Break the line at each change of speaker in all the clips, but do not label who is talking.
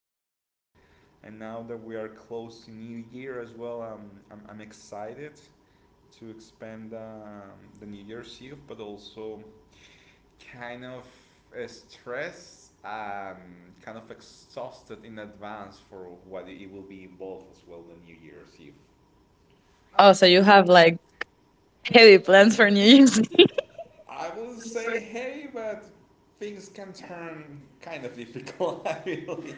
Christmas. And now that we are close to New Year as well, I'm excited to expand the New Year's Eve, but also kind of stressed, kind of exhausted in advance for what it will be involved as well the New Year's Eve. Oh,
Oh, so
so
you have like
hit
heavy plans
for
for New
New Year's
Year's.
Eve. I would say hey, but things can turn kind of difficult. I believe.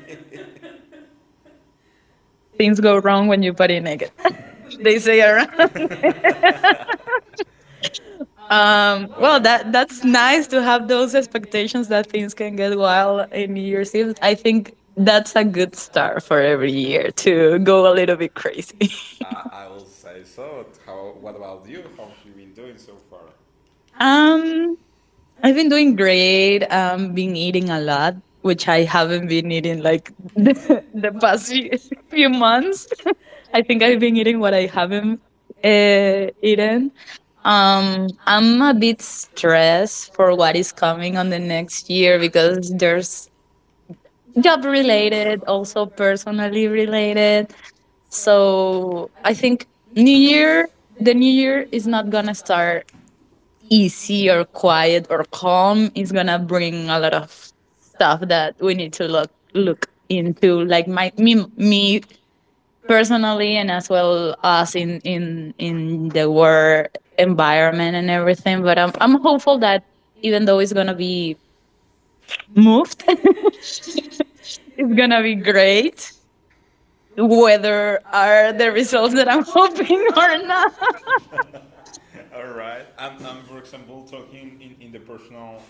Things
Things
go
go wrong when you body naked.
when they
They
say
say around.
around. Um, well,
Well, that
that's
that's
nice
nice
to
to
have
have
those
those
expectations
expectations
that
that
things
things
can
can
get
get
wild.
wild in New Year's Eve. I think that's a good start for every year to go a little bit crazy.
I will say so. How? What about you? How have you been doing so far? Um,
Um, I've been doing great. Been eating a lot, which I haven't been eating like the,
the
the
past
past few,
few
few
months.
months.
I
I
think
think
I've
I've
been
been
eating
eating
what
what
I
I
haven't
haven't
uh, eaten.
eaten.
Um, I'm
I'm
a
a
bit
bit
stressed
stressed
for
for
what
what
is
is
coming
coming
on
on
the
the
next
next
year
year
because
because
there's
there's
job
job
related or something.
related, also personally related.
So
So
I,
I
think
think New
new year,
Year,
the
the
new
New
year
Year
is
is
not
not
gonna
gonna
stop
start easy or quiet or calm, is gonna
eating a
bring a
lot
lot
of
of
stuff
stuff
that
that
we
we
need
need
to
to look
look
look
into,
into,
like
like
my
my me,
me
me
personally
personally
and
and
as
as
well
well
as
as in in
in
in
the
the
work
work
environment
environment and
and everything.
everything,
But
but i'm
I'm
i'm
hopeful
hopeful
that
that even though it's gonna be moved, it's
it's gonna
gonna
be
be
great,
great
whether
whether
are
are the
the results
results
that
that
I'm
I'm
hoping
hoping
or
or not.
not. All right. For example, talking in the personal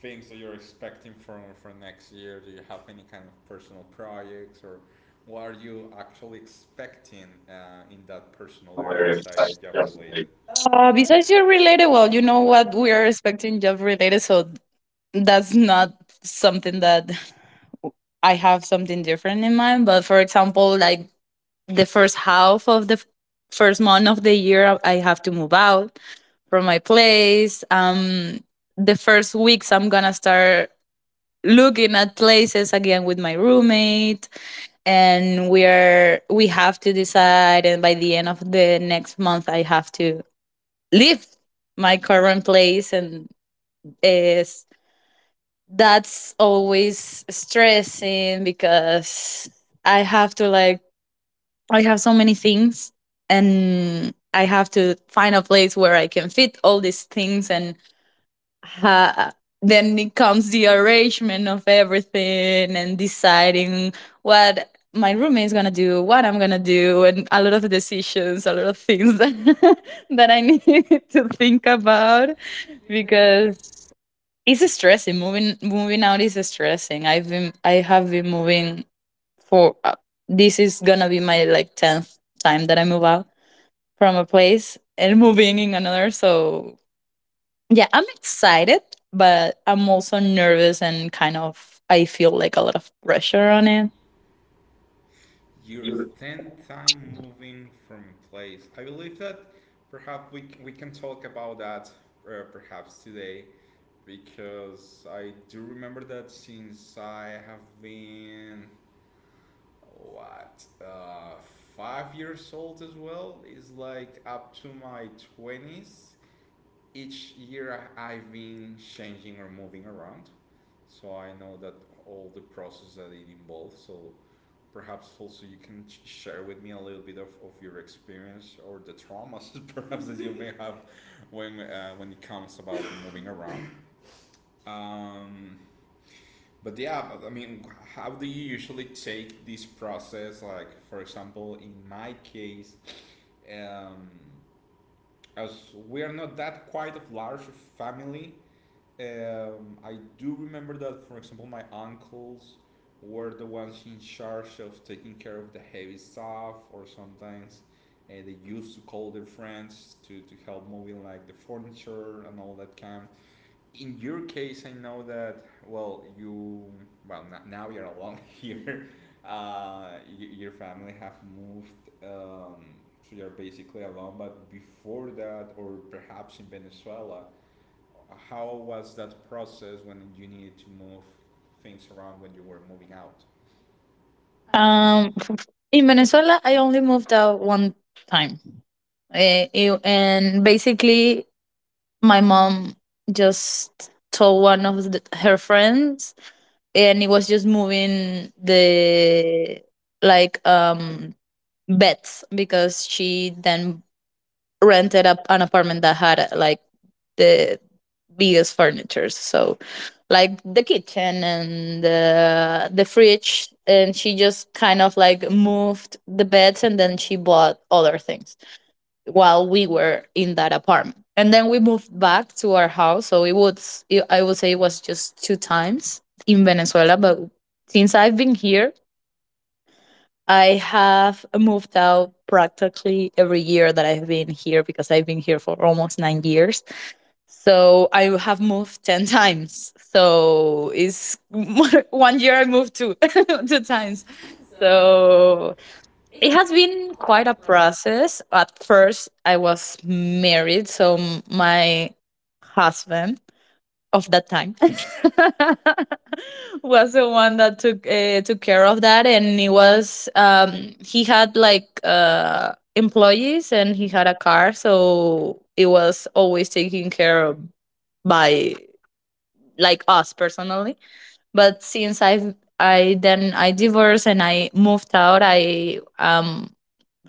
things that you're expecting from for next year. Do you have any kind of personal projects or what are you actually expecting in that personal area besides the job related? Besides
Besides
job
your
related,
related,
well,
well,
you
you
know
know what
what we
we
are
are expecting job related, so that's not something that I have something different in mind. But, for example, like the first half of the first month of the year, I have to move out from my place. The first weeks, I'm gonna start looking at places again with my roommate, and we have to decide. And by the end of the next month, I have to leave my current place, and uh, that's always stressing because I have to, like, I have so many things, and I have to find a place where I can fit all these things, and ha- then it comes the arrangement of everything and deciding what my roommate is gonna do, what I'm gonna do, and a lot of decisions, a lot of things that, that I need to think about
because
because it's stressing. Moving out is stressing. I have been moving for, this is gonna be my like tenth time that I move out from a place and moving in another. So yeah, I'm excited, but I'm also nervous and kind of, I feel like a lot of pressure on it.
you're 10th time moving from place. I believe that perhaps we can talk about that perhaps today because I do remember that since I have been what 5 years old as well is like up to my twenties. Each year I've been changing or moving around, so I know that all the process that it involves. So perhaps also you can share with me a little bit of your experience or the traumas perhaps that you may have when it comes about moving around. Um, But yeah, but I mean, how do you usually take this process? Like, for example, in my case, um, as we are not that quite of large family, I do remember that, for example, my uncles were the ones in charge of taking care of the heavy stuff, or sometimes they used to call their friends to help moving like the furniture and all that kind in your case, I know that well, you well now you're alone here. Your family have moved, um, so you're basically alone. But before that, or perhaps in Venezuela, how was that process when you needed to move things around when you were moving out? Um,
Um, in Venezuela, I only moved out one time. And basically, my mom just told one of her friends, and it was just moving the, like um beds, because she then rented up an apartment that had, like, the biggest furniture. So like the kitchen and the fridge. And she just kind of like moved the beds, and then she bought other things while we were in that apartment. And then we moved back to our house. So I would say it was just two times in Venezuela. But since I've been here, I have moved out practically every year that I've been here because I've been here for almost 9 years. So I have moved 10 times. So it's one year I moved two, two times.
so
So
it
it
has
has
been
been
quite
quite a
a process.
process. At first, I was married, so my husband of that time was the one that took care of that. And he was he had like employees, and he had a car, so it was always taken care of by like us personally. But since I've I then I divorced and I moved out. I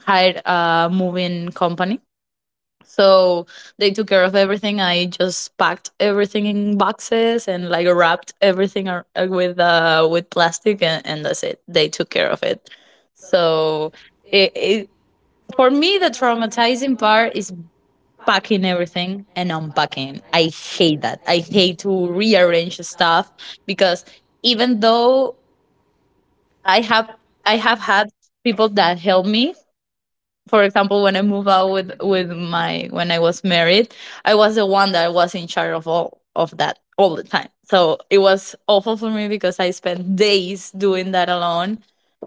hired a moving company. So they took care of everything. I just packed everything in boxes and like wrapped everything with plastic, and that's it. They took care of it.
So
So it,
it
it
For
for me,
me,
the
the traumatizing
traumatizing
part
part
is
is
packing
packing
everything
everything
and
and
not
unpacking.
Uh,
I hate that. I hate to rearrange stuff because
even
even
though
though
I
I have I
have
have had people that help me, for example, when I moved out with my when I was married, I was the one that was in charge of all of that all the time, so it was awful for me because I spent days doing that alone.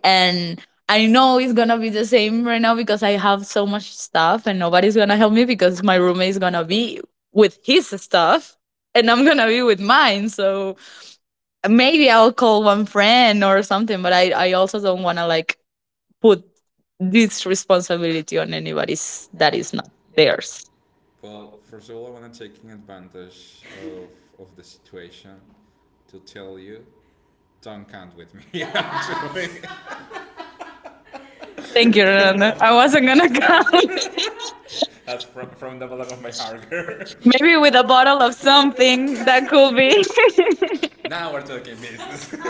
And I know it's gonna be the same right now because I have so much stuff, and nobody's gonna help me because my roommate is gonna be with his stuff and I'm gonna be with mine. So maybe I'll call one friend or something, but I also don't wanna, like, put this responsibility on anybody that is not theirs.
well, first of all, I want to taking advantage of the situation to tell you, don't count with me. actually.
Thank you,
I wasn't
Renata. I wasn't gonna
gonna
come.
come. That's from the bottom of my heart, girl. Maybe
Maybe
with
with
a
a
bottle
bottle
of
of
something
something that
that could
could be.
be. Now we're talking business.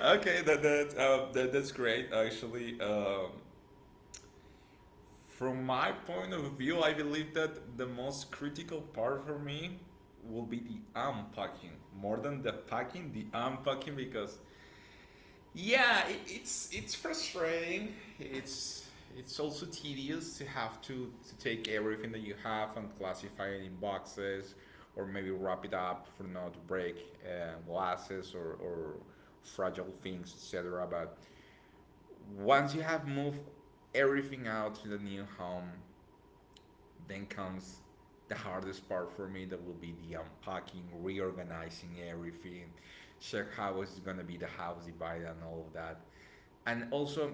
Okay, that's great. Actually, from my point of view, I believe that the most critical part for me will be the unpacking more than the packing. The unpacking because yeah, it's frustrating. It's it's also tedious to have to take everything that you have and classify it in boxes or maybe wrap it up for not to break glasses or fragile things etc but once you have moved everything out to the new home, then comes the hardest part for me that will be the unpacking, reorganizing everything, check how it's gonna be the house divided and all of that. And also,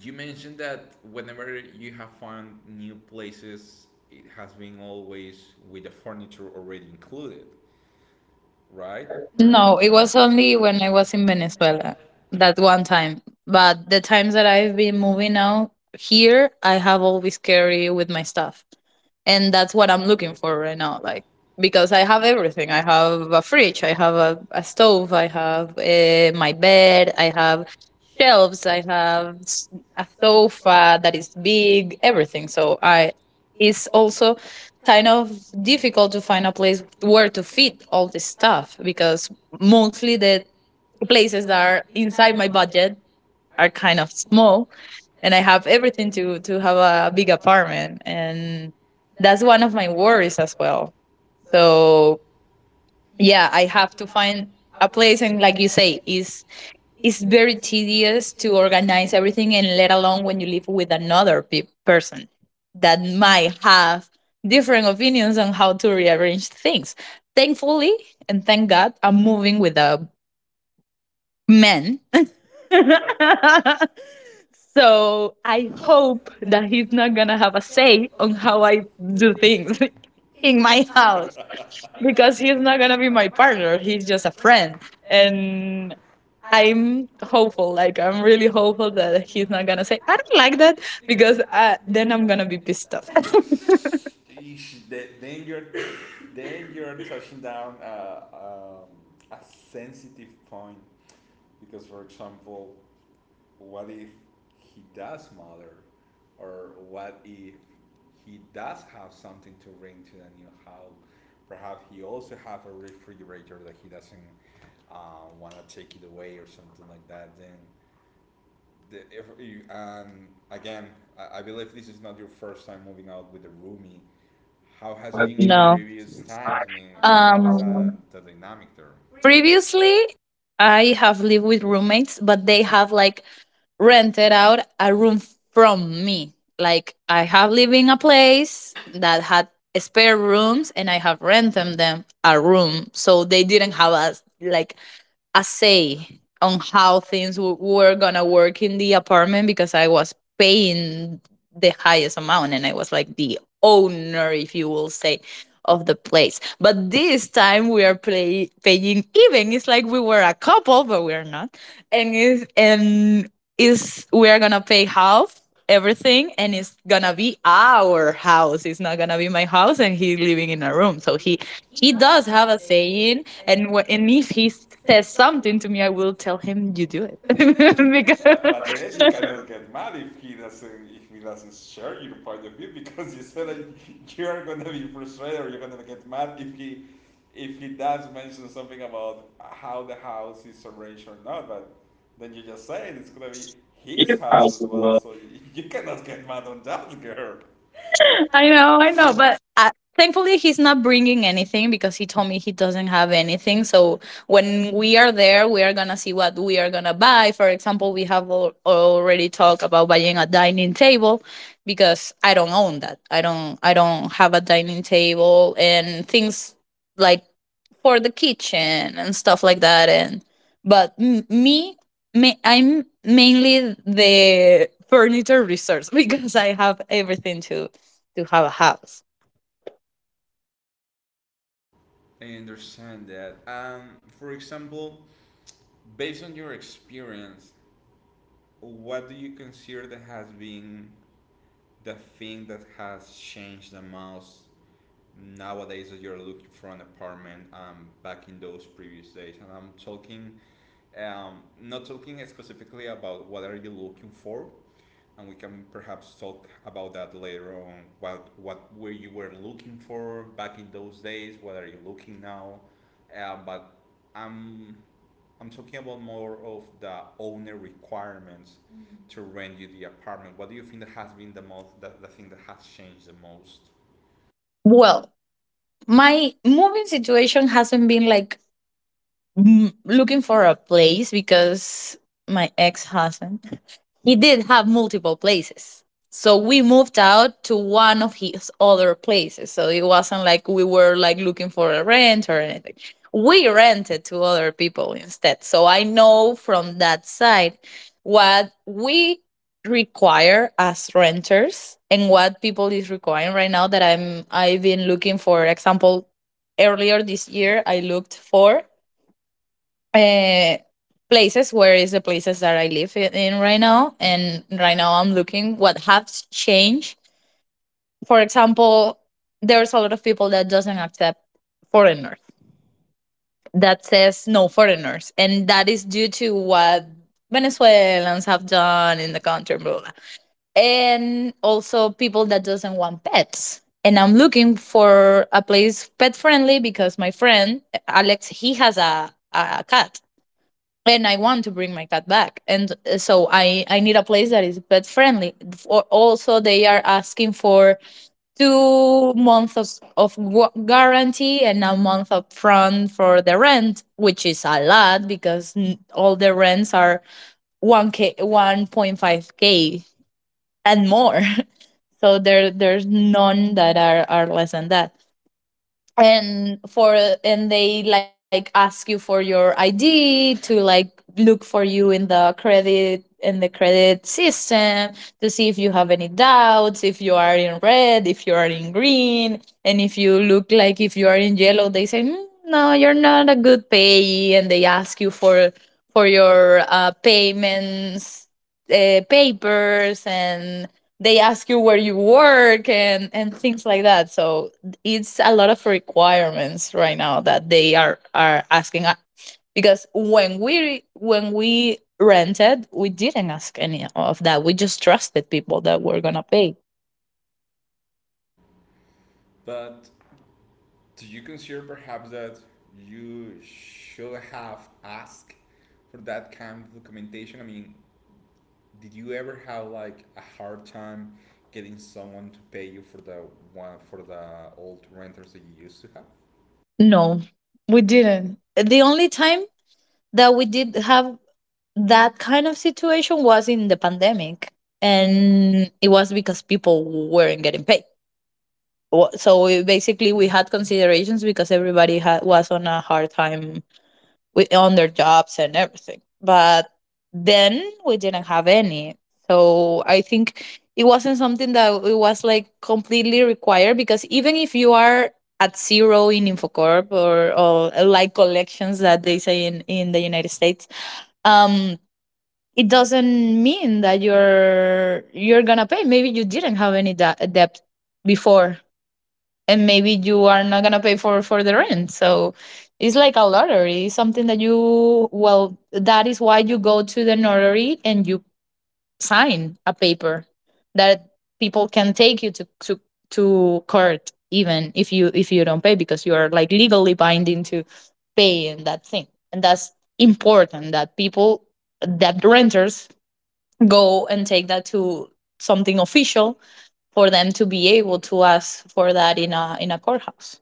you mentioned that whenever you have found new places, it has been always with the furniture already included, right? Or no?
No,
No, it
it
was
was
only
only
when
when
I
I
was
was
in
in
Venezuela.
Venezuela that one time. But the times that I've been moving out here, I have always carry with my stuff,
And
and
that's
that's
what
what
I'm
I'm
looking
looking
for
for
right
right
now,
now.
like
Like,
because
because
I
I
have
have
everything.
everything.
I
I
have
have
a
a
fridge,
fridge.
I
I
have
have a,
a
a
stove,
stove.
I
I
have
have,
my
my
bed,
bed.
I
I
have
have
shelves,
shelves.
I
I
have
have
a
a
sofa
sofa that
that is
is
big,
big,
everything.
everything.
So
So
I
I
it's
it's also
also kind
kind
of
of difficult
difficult to
to
find
find
a
a
place
place
where
where
to
to
fit
fit
all
all
this
this
stuff
stuff
because
because
mostly
mostly
the
the
places
places
that
that
are
are
inside
inside
my
my
budget
budget
are
are
kind
kind
of
of
small,
small,
and I
and I
have
have
everything
everything
to
to to
have
have
a.
a big apartment, and that's one of my worries as well.
So
So yeah, I have to find a
yeah,
place,
him
and
like
like you say, is
it's
it's
very
very tedious to
secure.
organize everything, and let alone when you live with another person that might have different opinions on how to rearrange things. Thankfully, and thank God, I'm moving with a man. So
I
I
hope
hope
that
that
he's
he's
not
not
gonna
gonna
have
have a say on how
us
I
do
do
things
things
in
in
my
my
house
house,
because
because
he's
he's
not
not
gonna
gonna
be
be
my
my
partner.
partner,
He's
he's
just
just a
a friend,
friend.
and
And I'm
I'm hope
hopeful. Like,
I'm
I'm
really
really hopeful that he's not gonna say I don't like that,
because
because
then
then
I'm
I'm
gonna
gonna be pissed off.
You should, then you're then you're touching down a sensitive point because, for example, what if he does mother or what if he does have something to bring to the new house perhaps he also have a refrigerator that he doesn't uh, want to take it away or something like that then the, if you, and again I believe this is not your first time moving out with a roomie how has been in No.
No.
previous times I mean how is
Um.
that the dynamic there Previously,
Previously, I have lived with roommates, but they have, like, rented out a room from me. Like, I have lived in a place that had spare rooms, and I have rented them a room. So they didn't have a, like, a say on how things were gonna work in the apartment because I was paying the highest amount, and I was like the owner, if you will say, of the place. But this time we are paying even. It's like we were a couple, but we're not. And it's, and is we are gonna pay half everything, and it's gonna be our house. It's not gonna be my house. And he's living
in
in
a
a
room.
room,
So
so he
he does
does have
have
a
a
saying,
saying, and
and wh-
and
and
if
if he
he says
says
something
something
to
to
me,
me,
I
I
will
will
tell
tell
him
him
you
you do it.
do. It." But then you cannot
Because
get mad if he doesn't share your point of view because you said that you are gonna be frustrated or you're gonna get mad if he does mention something about how the house is arranged or not. But then you just say it, it's gonna be his house as well, so you cannot get mad on that girl. I
I
know,
know,
but
but thankfully he's not bringing anything because he told me he doesn't have anything. So when we are there, we are gonna see what we are gonna buy. For example, we have already talked about buying a dining table because I don't own that. I don't. I don't have a dining table and things like for the kitchen and stuff like that. And but I'm mainly the furniture resource because I have everything to have a house?
I understand that. For example, based on your experience, what do you consider that has been the thing that has changed the most nowadays as you're looking for an apartment back in those previous days? And I'm talking, not talking specifically about what are you looking for, and we can perhaps talk about that later on. What were you were looking for back in those days? What are you looking now? But I'm I'm talking about more of the owner requirements mm-hmm. to rent you the apartment. What do you think that has been the most, the thing that has changed the most?
Well, my moving situation hasn't been like, looking for a place because my ex husband, he did have multiple places. So we moved out to one of his other places. So it wasn't like we were, like, looking for a rent or anything. We rented to other people instead. So I know from that side what we require as renters and what people is requiring right now. That I've been looking, for example, earlier this year, I looked for, uh, places where is the places that I live in right now. And right now I'm looking what has changed. For example, there's a lot of people that doesn't accept foreigners, that says no foreigners, and that is due to what Venezuelans have done in the country, blah, blah, blah. And also people that doesn't want pets. And I'm looking for a place pet friendly because my friend Alex, he has a cat, and I want to bring my cat back. And so I need a place that is pet friendly. For, also, they are asking for 2 months of guarantee and a month upfront for the rent, which is a lot because all the rents are 1K 1.5K and more. So there's none that are less than that, and they like ask you for your id to like look for you in the credit system to see if you have any doubts, if you are in red, if you are in green, and if you look like if you are in yellow, they say, "Mm, no, you're not a good payee," and they ask you for your payments, papers, and they ask you where you work, and things like that. So it's a lot of requirements right now that they are asking, because when we rented, we didn't ask any of that. We just trusted people that were gonna pay.
But do you consider perhaps that you should have asked for that kind of documentation? I mean, did you ever have like a hard time getting someone to pay you for the one for the old renters that you used to have?
No, we didn't. The only time that we did have that kind of situation was in the pandemic, and it was because people weren't getting paid. So we, basically, we had considerations because everybody was on a hard time on their jobs and everything. But then we didn't have any. So I think it wasn't something that it was like completely required, because even if you are at zero in Infocorp, or like collections, that they say in the United States, um it doesn't mean that you're gonna pay. Maybe you didn't have any debt before, and maybe you are not gonna pay for the rent. So it's like a lottery. It's something that you, well, that is why you go to the notary and you sign a paper that people can take you to court, even if you don't pay, because you are like legally binding to pay and that thing. And that's important that people, that renters, go and take that to something official for them to be able to ask for that in a courthouse?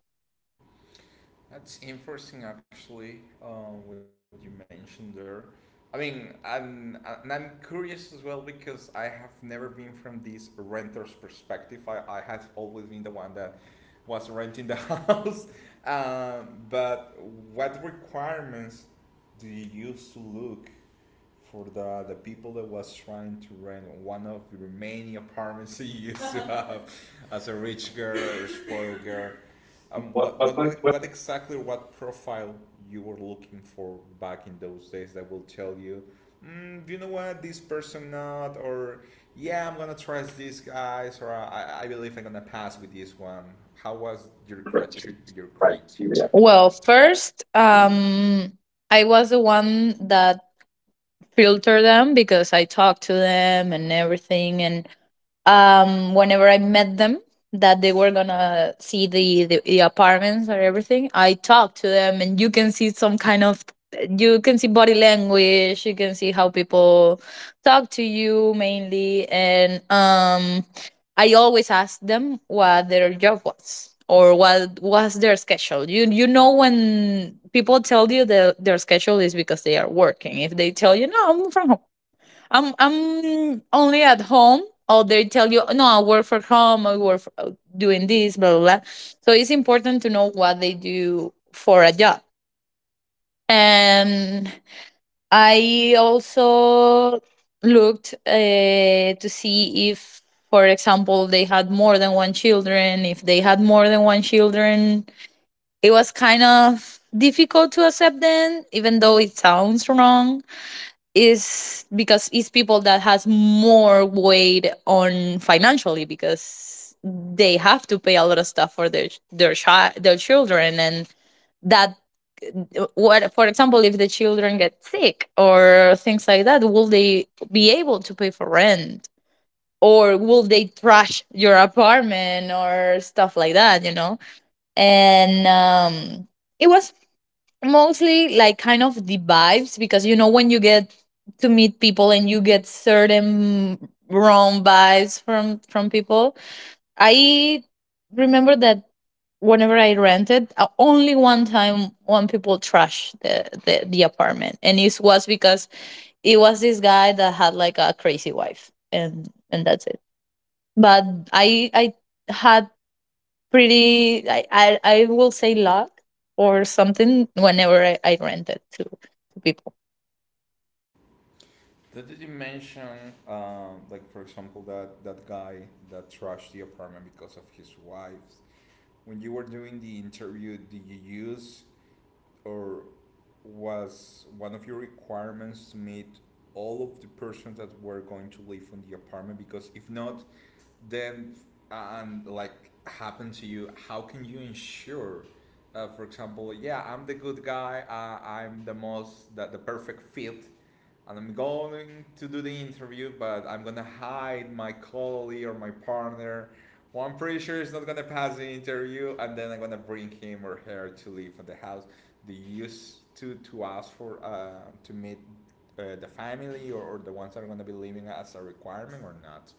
That's interesting, actually. What you mentioned there. I mean, I'm and I'm curious as well because I have never been from this renter's perspective. I has always been the one that was renting the house. But what requirements do you used to look for the people that was trying to rent one of your many apartments that you used to have as a rich girl or spoiled girl? What exactly, what profile you were looking for back in those days that will tell you, mm, do you know what, this person not, or yeah, I'm gonna trust these guys, or I believe I'm gonna pass with this one. How was your criteria? Your criteria?
Well,
Well,
first, I was the one that filtered them because I talked to them and everything. And whenever I met them, that they were gonna see the, the apartments or everything, I talked to them, and you can see some kind of, you can see body language, you can see how people talk to you mainly. And I always ask them what their job was or what was their schedule. You know, when people tell you that their schedule is because they are working. If they tell you, no, I'm from home, I'm only at home, or they tell you, no, I work from home, I work doing this, blah blah blah. So it's important to know what they do for a job. And I also looked, to see if, for example, they had more than one children. If they had more than one children, it was kind of difficult to accept them, even though it sounds wrong, is because it's people that has more weight on financially because they have to pay a lot of stuff for their children. And that what, for example, if the children get sick or things like that, will they be able to pay for rent, or will they trash your apartment, or stuff like that. And it was mostly like kind of the vibes, because you know when you get to meet people and you get certain wrong vibes from people. I remember that whenever I rented, only one time, one people trashed the, the apartment, and it was because it was this guy that had like a crazy wife, and that's it. But I had pretty, I will say, luck or something whenever I rent it to people.
Did you mention, like for example, that that guy that trashed the apartment because of his wife? When you were doing the interview, did you use or was one of your requirements to meet all of the persons that were going to live on the apartment? Because if not, then, and like happen to you, how can you ensure, for example, yeah, I'm the good guy, I'm the most the perfect fit, and I'm going to do the interview, but I'm gonna hide my colleague or my partner. Well, I'm pretty sure is not gonna pass the interview, and then I'm gonna bring him or her to leave from the house. Do you use to ask for to meet the family, or the ones that are gonna be leaving as a requirement or not?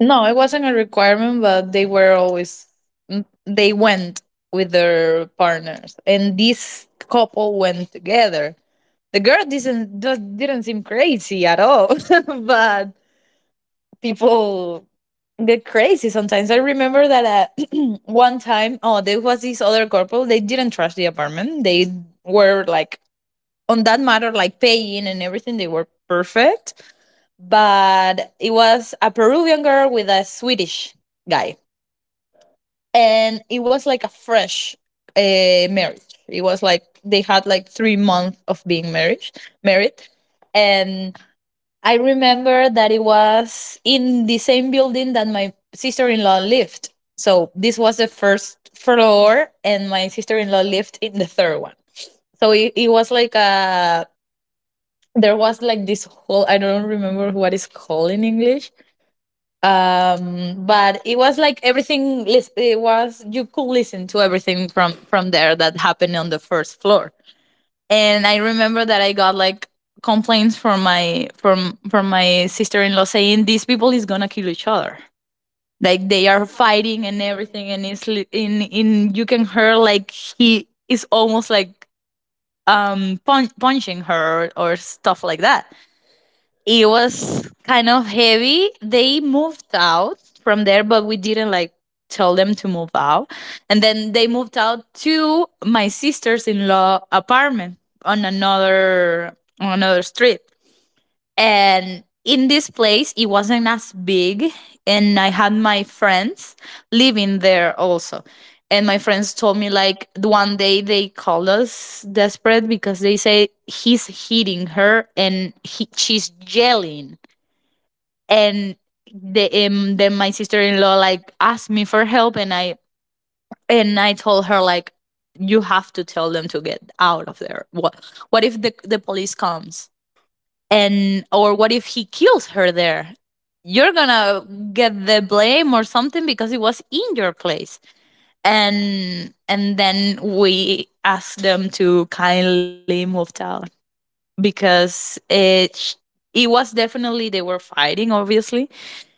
No, it wasn't a requirement, but they were always, they went with their partners, and this couple went together. The girl didn't, just didn't seem crazy at all, but people get crazy sometimes. I remember that one time, oh, there was this other couple. They didn't trash the apartment. They were like on that matter, like paying and everything. They were perfect, but it was a Peruvian girl with a Swedish guy, and it was like a fresh marriage. It was like they had like 3 months of being married, married, and I remember that it was in the same building that my sister in law lived. So this was the first floor, and my sister in law lived in the third one. So it was like a, there was like this whole, I don't remember what it's called in English. But it was like everything. It was, you could listen to everything from there that happened on the first floor. And I remember that I got like complaints from my sister in law saying these people is gonna kill each other. Like they are
Fighting
fighting
and
and
everything.
everything, and it's in you can hear like he is almost like punching her, or stuff like that. It was kind of heavy. They moved out from there, but we didn't like tell them to move out. And then they moved out to my sister's in law apartment on another on another street. And in this place it wasn't as big, and I had my friends living there also. And my friends told me like the one day they called us desperate because they say he's hitting her, and he, she's yelling. And then my sister-in-law like asked me for help, and I told her like, you have to tell them to get out of there. What, if the police comes, and or what if he kills her there? You're gonna get the blame or something because it was in your place. And then we asked them to kindly move out, because it was definitely, they were fighting obviously.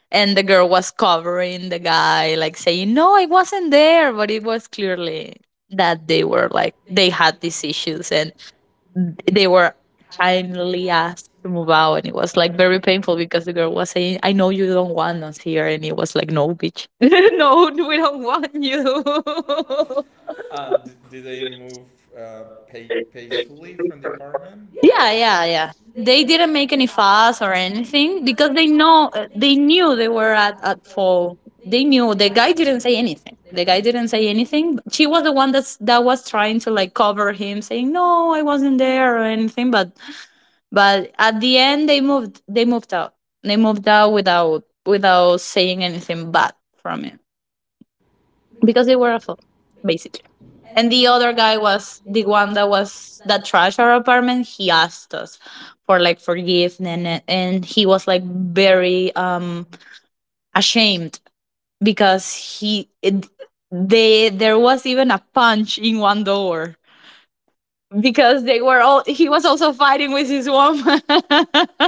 And the girl was covering the guy like saying, no, I wasn't there, but it was clearly that
They
they
were
were
like
like
they
they
had
had these
decisions,
issues. And
and they
they
were
were
kindly
kindly
asked
asked
to
to
move
move out,
out,
and
and it
it
was
was
like
like
very
very
painful.
painful, because the girl was saying, I know you don't want us here. And it was like, no, bitch, no, we don't want you.
Did they move uh, peacefully from the apartment? Yeah,
Yeah,
yeah,
yeah,
yeah.
yeah.
They
They
didn't
didn't
make
make
any
any
fuss
fuss
or
or
anything
anything
because
because
they
they
know
know,
they
they
knew
knew
they
they
were
were
at,
at
at
at
fault.
fault.
They
They
knew
knew
the
the
guy
guy
didn't
didn't
say
say
anything.
anything.
The
The
guy
guy
didn't
didn't
say
say
anything
anything. But she was the one that was trying to like cover him, saying, no, I wasn't there or anything. But at the end, they moved. They moved out. They moved out without saying anything bad from it,
because
because
they
they
were
were
at
at
fault,
fault, basically.
basically. And
And
the
the
other
other
guy
guy
was
was
the
the
one
one
that
that
was
was
that
that trashed our apartment. He asked us for like forgiveness, and he was like very ashamed, because he, it, they, there was even a punch in one door because they were all, he was also fighting with his woman.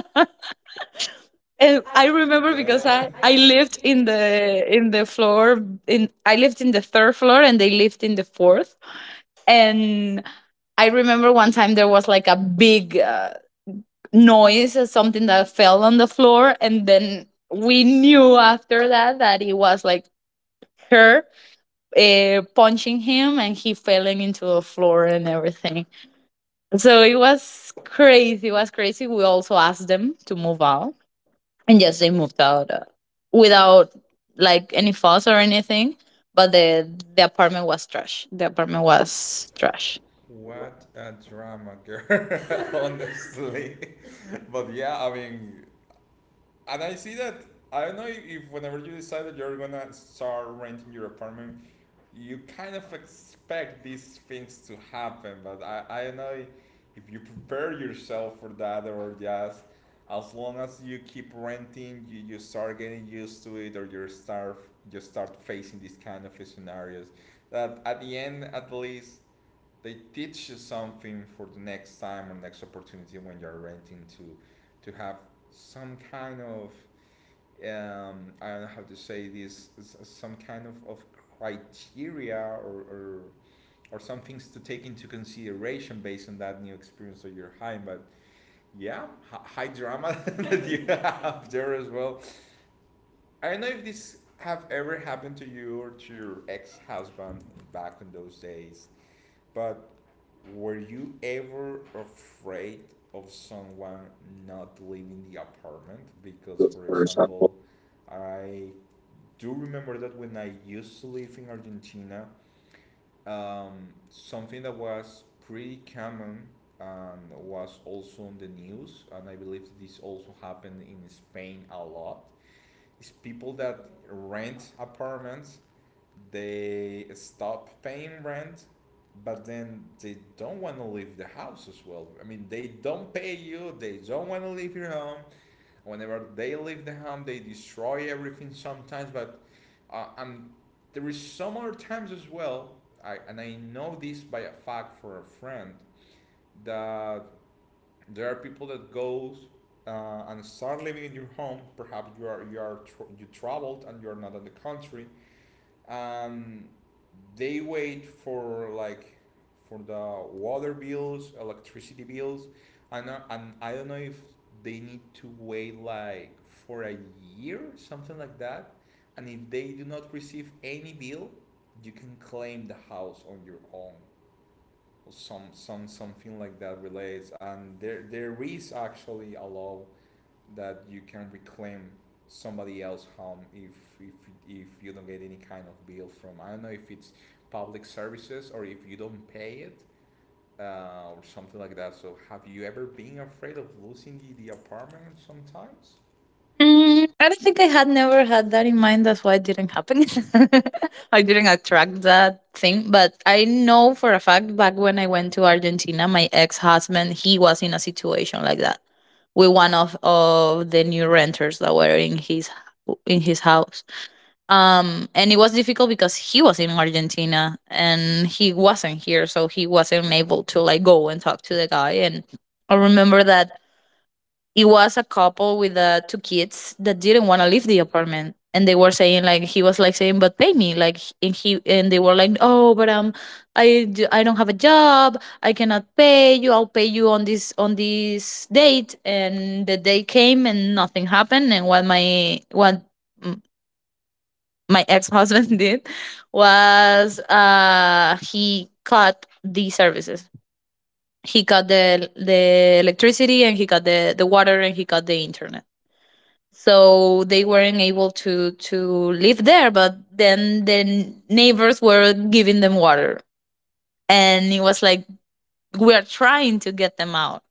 And I
I remember
remember because
because
i
I,
i
I lived in the.
lived in the third floor, and they lived in the fourth. And I remember one time there was like a big, noise, something that fell on the floor, and then we knew after that that it was like her punching him, and he falling into the floor and everything. So it was crazy. It was crazy. We also asked them to move out, and yes, they moved out, without like any fuss or anything. But the apartment was trash. The apartment was trash.
What a drama, girl, honestly. But yeah, I mean, and I see that. I don't know if whenever you decide that you're gonna start renting your apartment, you kind of expect these things to happen, but I know if you prepare yourself for that, or just as long as you keep renting, you start getting used to it, or you start facing these kind of scenarios. That at the end at least they teach you something for the next time or next opportunity when you're renting, to have some kind of, I don't know how to say this, some kind of criteria, or, or, or some things to take into consideration based on that new experience that you're having. But yeah, high drama that you have there as well. I don't know if this have ever happened to you or to your ex-husband back in those days. But were you ever afraid of someone not leaving the apartment? Because, for example, I do remember that when I used to live in Argentina, something that was pretty common and was also on the news, and I believe this also happened in Spain a lot, is people that rent apartments, they stop paying rent, but then they don't want to leave the house as well. I mean, they don't pay you, they don't want to leave your home. Whenever they leave the home, they destroy everything sometimes. But and there is some other times as well. And I know this by a fact for a friend, that there are people that goes and start living in your home. Perhaps you are tr you traveled and you're not in the country. um, they wait for like for the water bills, electricity bills. I know, and I don't know if they need to wait like for a year, something like that. And if they do not receive any bill, you can claim the house on your own. Something like that relates, and there is actually a law that you can reclaim somebody else home if if you don't get any kind of bill from, I don't know if it's public services, or if you don't pay it, or something like that. So have you ever been afraid of losing the apartment sometimes?
Mm, I don't think I had never had that in mind. That's why it didn't happen. I didn't attract that thing. But I know for a fact, back when I went to Argentina, my ex husband, he was in a situation like that with one of the new renters that were in his house. And it was difficult because he was in Argentina and he wasn't here, so he wasn't able to like go and talk to the guy. And I remember that it was a couple with two kids that didn't want to leave the apartment, and they were saying, like, he was like saying but pay me like h- and he and they were like, oh, but I don't have a job, I cannot pay you, I'll pay you on this date. And the day came and nothing happened. And what my what m- my ex-husband did was he cut the services. He cut the electricity, and he cut the water, and he cut the internet, so they weren't able to live there. But then the neighbors were giving them water, and it was like, we are trying to get them out.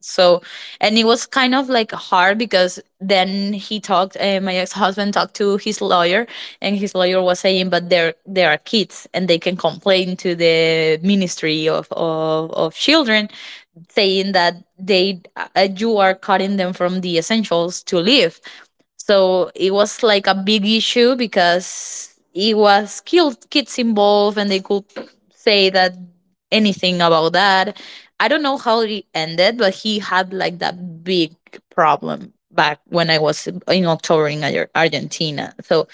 So and it was kind of like hard because then he talked my ex-husband talked to his lawyer, and his lawyer was saying, but there are kids and they can complain to the ministry of of children, saying that they you are cutting them from the essentials to live. So it was like a big issue because it was killed kids involved, and they could say that anything about that. I don't know how it ended, but he had like that big problem back when I was in October in Argentina. So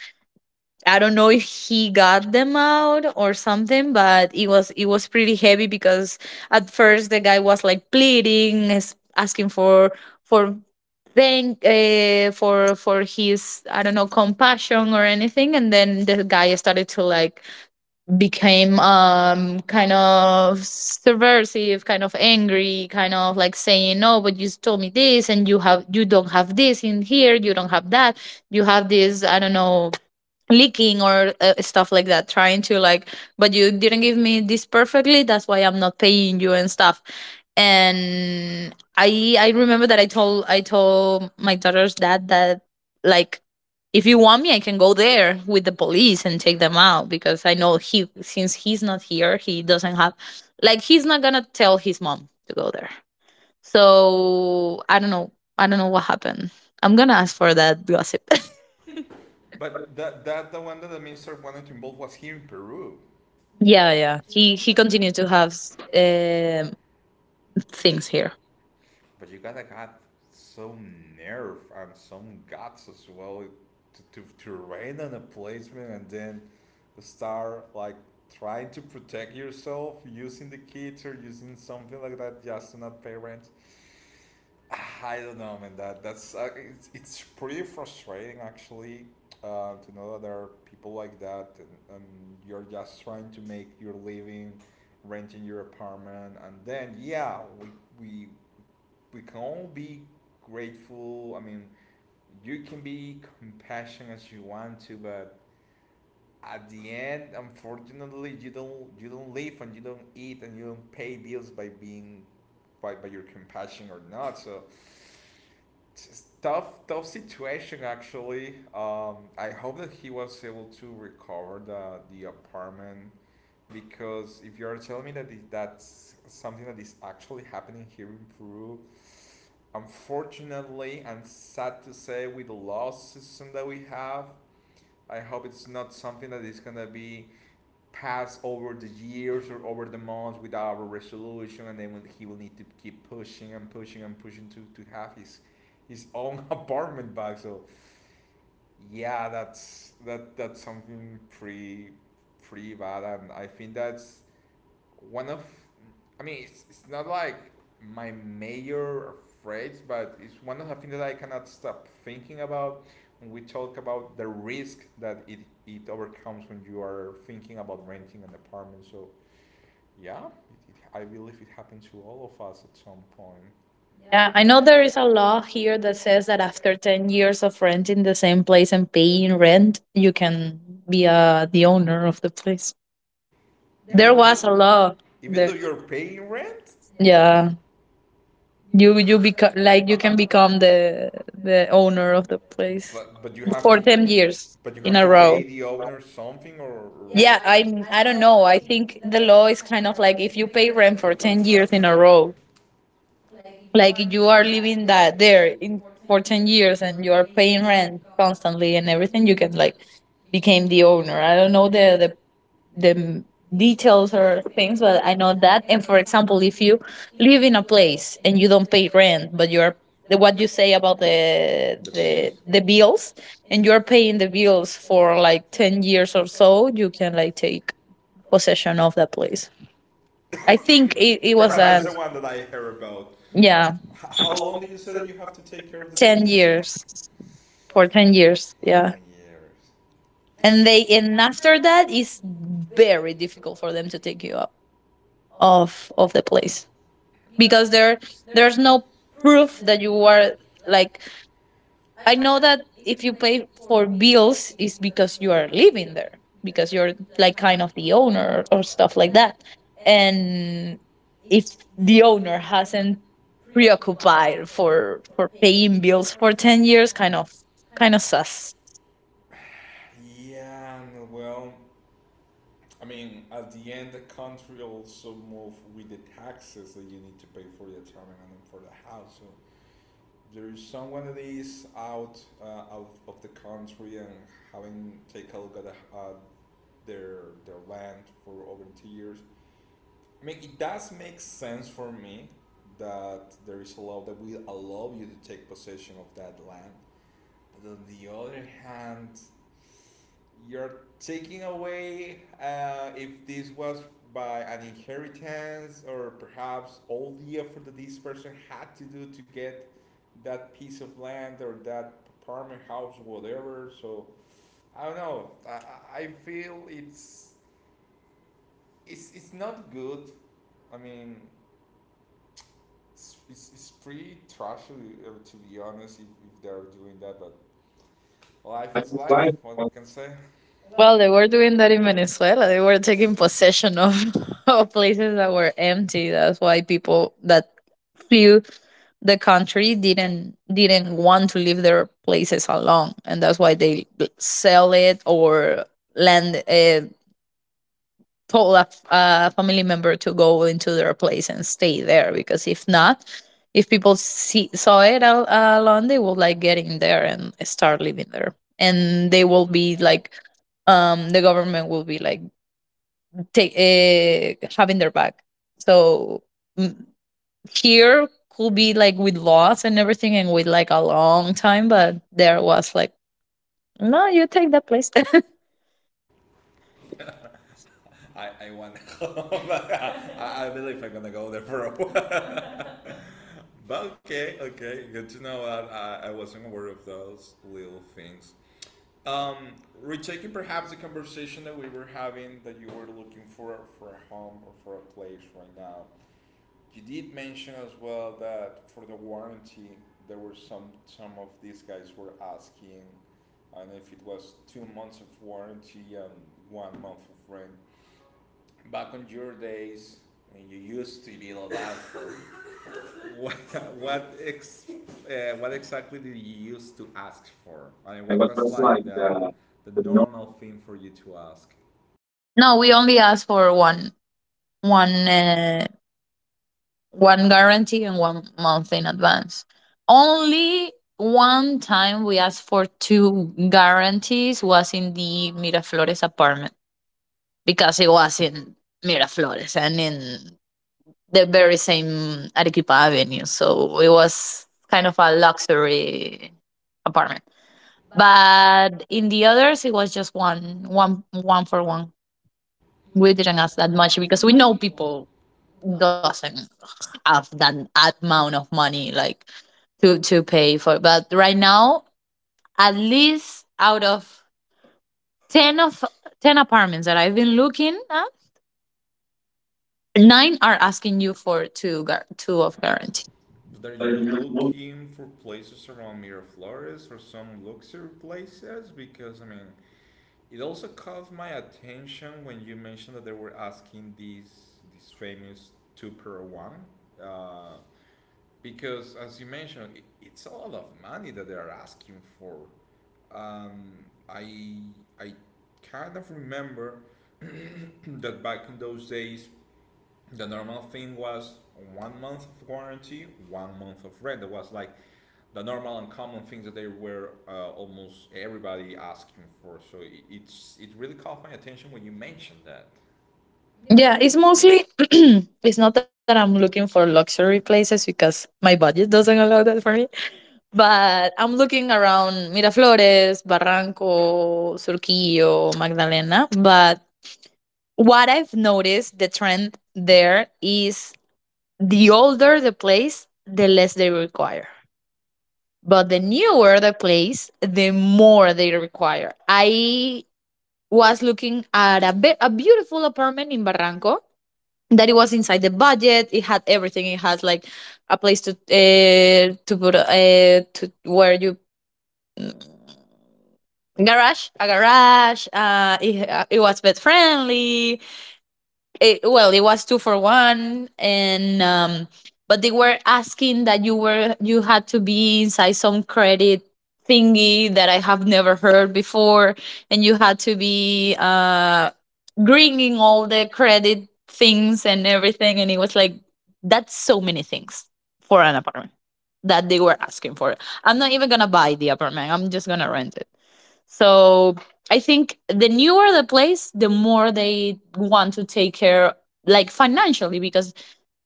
I don't know if he got them out or something, but it was pretty heavy because at first the guy was like pleading, asking for thank for his, I don't know, compassion or anything. And then the guy started to like became kind of subversive, kind of angry, kind of like saying, no, but you told me this and you have you don't have this in here, you don't have that, you have this, I don't know, leaking or stuff like that, trying to like, but you didn't give me this perfectly, that's why I'm not paying you and stuff. And I remember that I told my daughter's dad that, like, if you want me, I can go there with the police and take them out because I know he, since he's not here, he doesn't have, like, he's not gonna tell his mom to go there. So I don't know. I don't know what happened. I'm gonna ask for that gossip.
But that the one that the minister wanted to involve was here in Peru.
Yeah, yeah.
He
He continued to have
uh,
um
thinks
things
here.
here.
But you gotta got some nerve and some guts as well to rain on a placement, and then start like trying to protect yourself using the kit or using something like that, just to not pay rent. I don't know, man. That's it's pretty frustrating actually, to know that there are people like that, and you're just trying to make your living renting your apartment, and then yeah, we we can all be grateful. I mean, you can be compassionate as you want to, but at the end, unfortunately, you don't live, and you don't eat, and you don't pay bills by being by your compassion or not. So it's just tough situation actually. I hope that he was able to recover the apartment, because if you're telling me that that's something that is actually happening here in Peru, unfortunately, and sad to say, with the law system that we have, I hope it's not something that is gonna be passed over the years or over the months without a resolution, and then he will need to keep pushing and pushing and pushing to have his own apartment back. So yeah, that's something pretty bad, and I think that's one of, I mean, it's not like my major phrase, but it's one of the things that I cannot stop thinking about when we talk about the risk that it overcomes when you are thinking about renting an apartment. So yeah, I believe it happens to all of us at some point. Yeah,
Yeah,
I
I
know
know
there
there
is
is
a
a
law
law
here
here
that
that
says
says
that
that after
after,
10 years of renting the same place and paying rent, you can be the owner of the place.
there.
There
Even was
was a
a law.
law there.
Even though you're paying rent. Yeah.
Yeah,
You,
you become like you
you can
can
be.
become the owner of the place
But you for
for
have to
ten
years.
years
But you
in a
have to,
row.
pay the owner something, or. Yeah,
Yeah,
I
I
I
I don't
don't
know.
know.
I
I think
think the
the
law
law
is
is
kind
kind of
of like
like
if you pay
for
rent for
ten
10 years in
years
a
in a row.
row, like
Like if
you
you are
are
living
living
that
that there
there in
in for ten
your
years and you are paying
friend,
rent constantly and everything, you can like became the owner. I don't know the m- details or
or
things, but I know that. And for example, if
you
you live in a
place
place and
and
you don't pay
rent,
rent, but
but you're,
you're the what you say about
uh, the bills?
the
The bills,
bills, and
you
you're
are paying
paying
the
the
bills
bills
for.
for like 10 years or so, you can like take possession of that place.
it,
I think it
it.
was
Perhaps
a
that's the one that I heard about. Yeah.
yeah
How long did you say that you have to take care of the deal?
ten
10 years.
years for 10 years
Yeah.
yeah.
10 years.
And they
They and
and
after
after that
it's
it's
very
very
difficult
difficult for
for them
them
to
to
take
take you
you
out
up,
of the place. Because
because there
there's
there's
no
no proof
proof that
that
you
you are.
are, like, I
Like, I
know
know
that
that if
if you
you
pay
pay for
for bills
bills, it's
is because you are
living
living
there.
there because you're like
Like,
kind of the owner or stuff like that.
and
And
if
if the
the
owner
owner hasn't
hasn't
preoccupied
preoccupied
for,
for paying bills for 10 years,
kind
kind of
of stuff.
sus.
Yeah, well, I mean, at the end, the country also move with the taxes that you need to pay for the apartment and for the house. So there is someone that is out of the country, and having take a look at their land for over 2 years. I mean, it does make sense for me that there is a law that will allow you to take possession of that land. But on the other hand, you're taking away, if this was by an inheritance, or perhaps all the effort that this person had to do to get that piece of land, or that apartment, house, whatever. So I don't know. Feel it's not good. I mean, it's pretty trashy, to be honest, if they're doing that. But life is life, what can I say.
Well, they were doing that in Venezuela. They were taking possession of, of places that were empty. That's why people that flew the country didn't want to leave their places alone, and that's why they sell it or land told a family member to go into their place and stay there. Because if not, if people saw it alone, they will like get in there and start living there, and
They
they
will
will
be
be
like,
like, the government will be like take having their back. So mm, here could be like with laws and everything, and with like a long time, but there was like, no, you take that place.
I want home. I believe I'm gonna go there for a while. But okay, okay, good to know that. I wasn't aware of those little things. Um, retaking perhaps the conversation that we were having, that you were looking for a home or for a place right now. You did mention as well that for the warranty, there were some of these guys were asking, and if it was 2 months of warranty and 1 month of rent back on your days when you used to be like that. What what exactly did you used to ask for? I mean, what was like the normal thing for you to ask?
No, we only asked for one one guarantee and 1 month in advance. Only one time we asked for two guarantees was in the Miraflores apartment because it was in Miraflores and in the very same Arequipa Avenue. So it was kind of a luxury apartment.
But
But in the others it was just one for one.
we
We
didn't
didn't
ask
ask
that
that
much
much
because
because
we
we
know
know
people
people
who don't
doesn't have that amount of money like to pay for. But right now, at least out of ten of ten apartments that I've been looking at, nine are asking you for
do
two of guarantee.
parents. That you're looking for places around Miraflores or some luxury places, because I mean, it also caught my attention when you mentioned that they were asking these this famous two per one, uh, because as you mentioned, it's a lot of money that they are asking for. Um, I I kind of remember that back in those days, the normal thing was 1 month of warranty, 1 month of rent. That was like the normal and common things that they were, almost everybody asking for. So it's it really caught my attention when you mentioned that.
Yeah, it's mostly it's not that I'm looking for luxury places because my budget doesn't allow that for me. But I'm looking around Miraflores, Barranco, Surquillo, Magdalena. But what I've noticed the trend there is the older the place, the less they require. But the newer the place, the more they require. I was looking at a beautiful apartment in Barranco that it was inside the budget. It had everything. It has like a place to put to where you garage a garage. It was pet friendly, well it was two for one, and but they were asking that you had to be inside some credit thingy that I have never heard before, and you had to be bringing all the credit things and everything. And it was like, that's so many things for an apartment that they were asking for. I'm not even gonna buy the apartment, I'm just gonna rent it. So I think the newer the place, the more they want to take care, like financially, because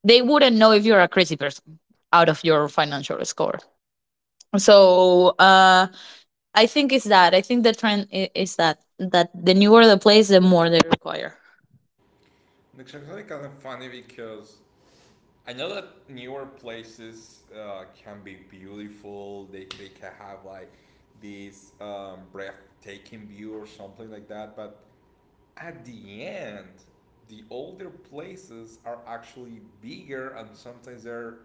they wouldn't know if you're a crazy person out of your financial score. So I think it's that. I think the trend is that that the newer the place, the more they require.
It's actually kind of funny, because I know that newer places can be beautiful. They can have like this breathtaking view or something like that. But at the end, the older places are actually bigger, and sometimes they're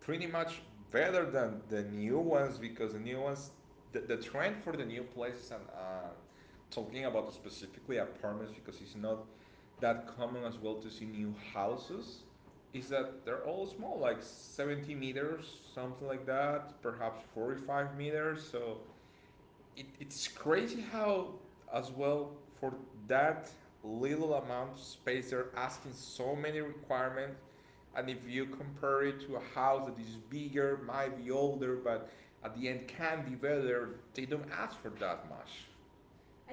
pretty much better than the new ones, because the new ones, the trend for the new places, and talking about specifically apartments, because it's not that common as well to see new houses, is that they're all small, like 70 meters, something like that, perhaps 45 meters. So it's crazy how as well for that little amount of space they're asking so many requirements. And if you compare it to a house that is bigger, might be older, but at the end can be better, they don't ask for that much.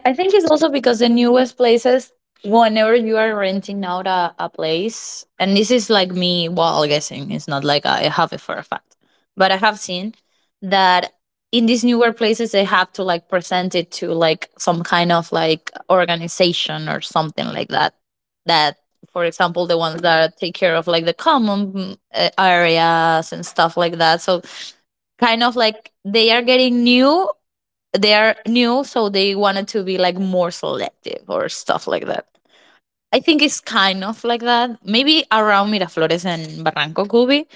I think it's also because in US places, whenever you are renting out a place, and this is like me while guessing, it's not like I have it for a fact, but I have seen that in these newer places, they have to like present it to like some kind of like organization or something like that. That, for example, the ones that take care of like the common areas and stuff like that. So, kind of like they are getting new they are new, so they wanted to be like more selective or stuff like that. I think it's kind of like that. Maybe around Miraflores and Barranco could be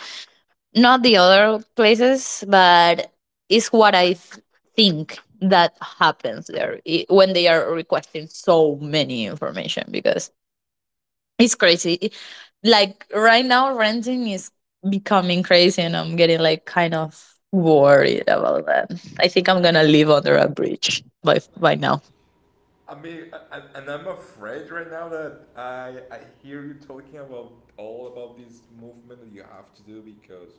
not the other places, but it's what think that happens there when they are requesting so many information, because it's crazy. Like right now, renting is becoming crazy, and I'm getting like kind of worried about that. I think I'm gonna live under a bridge by now.
I mean, I'm afraid right now that I hear you talking about all about this movement that you have to do because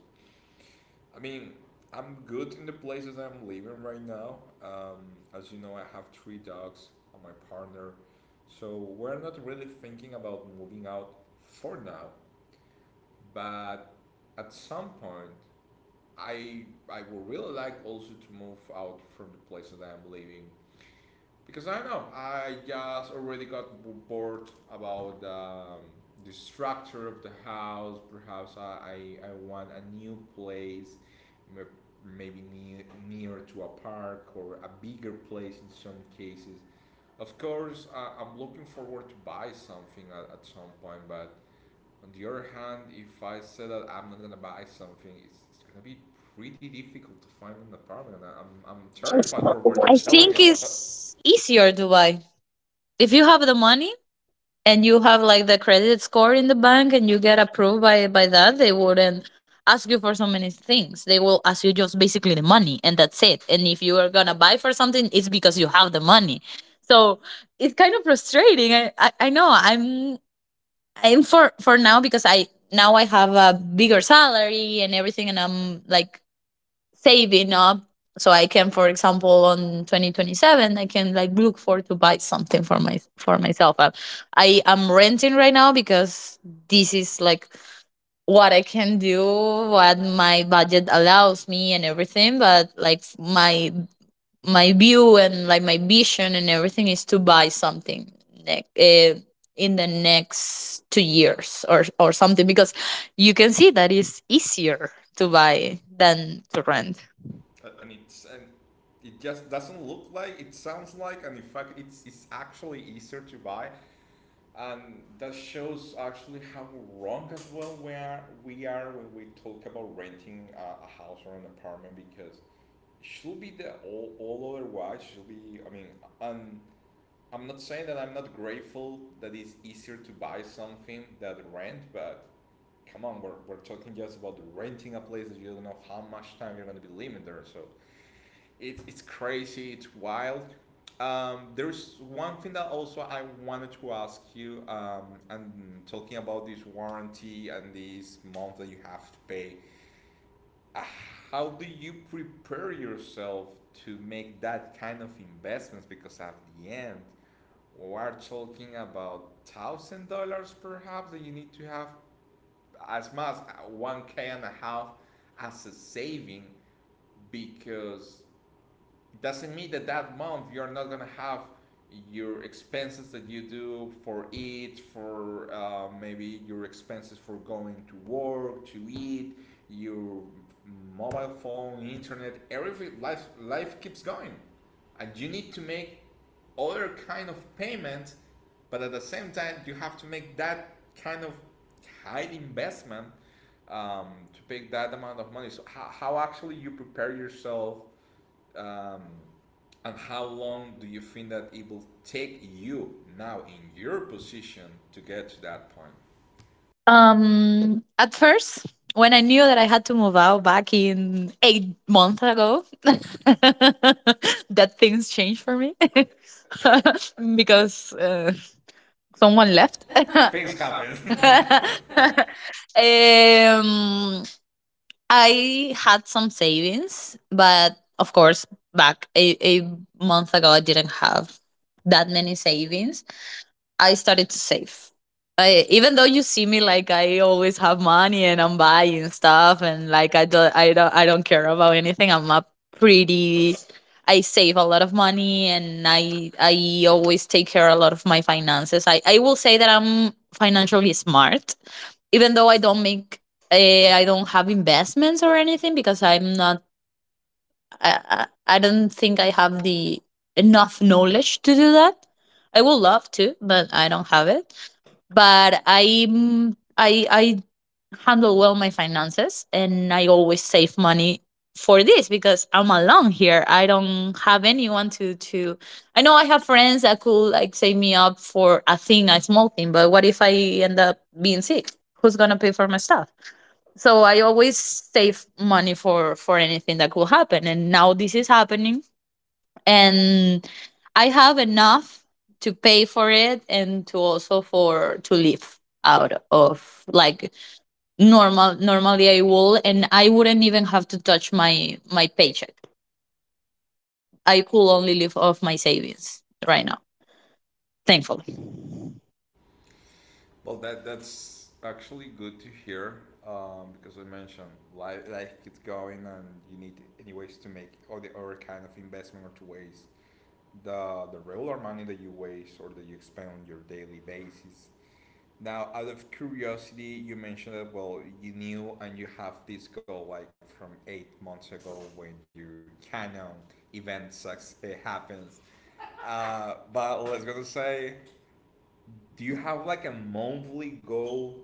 I mean, I'm good in the places I'm living right now. As you know, I have 3 dogs and my partner, so we're not really thinking about moving out for now. But at some point, I would really like also to move out from the places that I'm living because I don't know, I just already got bored about the structure of the house. Perhaps I want a new place, m- maybe near to a park or a bigger place in some cases. Of course, I'm looking forward to buy something at some point, but on the other hand, if I say that I'm not gonna buy something, it's gonna be pretty difficult to find an apartment. I'm
I
terrified for what you're
I
telling me
think
about.
it's easier Dubai. If you have the money and you have like the credit score in the bank and you get approved by that, they wouldn't ask you for so many things. They will ask you just basically the money and that's it. And if you are gonna buy for something, it's because you have the money. So it's kind of frustrating. I know I'm for now because I now I have a bigger salary and everything, and I'm like saving up so I can for example on 2027 I can like look for to buy something for my for myself. I am renting right now because this is like what I can do, what my budget allows me and everything. But like my view and like my vision and everything is to buy something ne- uh, in the next 2 years or something, because you can see that it's easier to buy than to rent.
And it just doesn't look like, it sounds like, and in fact it's actually easier to buy, and that shows actually how wrong as well we are when we talk about renting a house or an apartment, because it should be the all otherwise, should be, I mean, and I'm not saying that I'm not grateful that it's easier to buy something than rent, but come on, we're talking just about renting a place that you don't know how much time you're going to be living there. So it's crazy. It's wild. There's one thing that also I wanted to ask you, and talking about this warranty and this month that you have to pay. uh, How do you prepare yourself to make that kind of investments? Because at the end, we are talking about $1,000 perhaps that you need to have, as much one k and a half as a saving, because it doesn't mean that that month you're not gonna have your expenses that you do for it, for maybe your expenses for going to work, to eat, your mobile phone, internet, everything. Life life keeps going, and you need to make other kind of payments, but at the same time you have to make that kind of high investment um, to pay that amount of money. So how actually you prepare yourself um, and how long do you think that it will take you now in your position to get to that point?
At first, when I knew that I had to move out back in 8 months ago, that things changed for me because
One
someone left.
left. Things happen.
um, I had some savings, but of course, back a month ago, I didn't have that many savings. I started to save. I, even though you see me like I always have money and I'm buying stuff and like I don't care about anything. I'm a pretty I save a lot of money, and I always take care of a lot of my finances. I will say that I'm financially smart, even though I don't have investments or anything because I don't think I have the enough knowledge to do that. I would love to, but I don't have it. But I'm I handle well my finances, and I always save money for this because I'm alone here. I don't have anyone to I know I have friends that could like save me up for a thing, a small thing, but what if I end up being sick? Who's gonna pay for my stuff? So I always save money for anything that could happen. And now this is happening and I have enough to pay for it and to also for to live out of like normally I will, and I wouldn't even have to touch my paycheck. I could only live off my savings right now, thankfully.
Well, that that's actually good to hear because I mentioned life life keeps going and you need anyways to make all the other kind of investment or to waste the regular money that you waste or that you spend on your daily basis. Now, out of curiosity, you mentioned that well, you knew and you have this goal like from 8 months ago when your canon event sucks, it happens. But let's go to say, do you have like a monthly goal,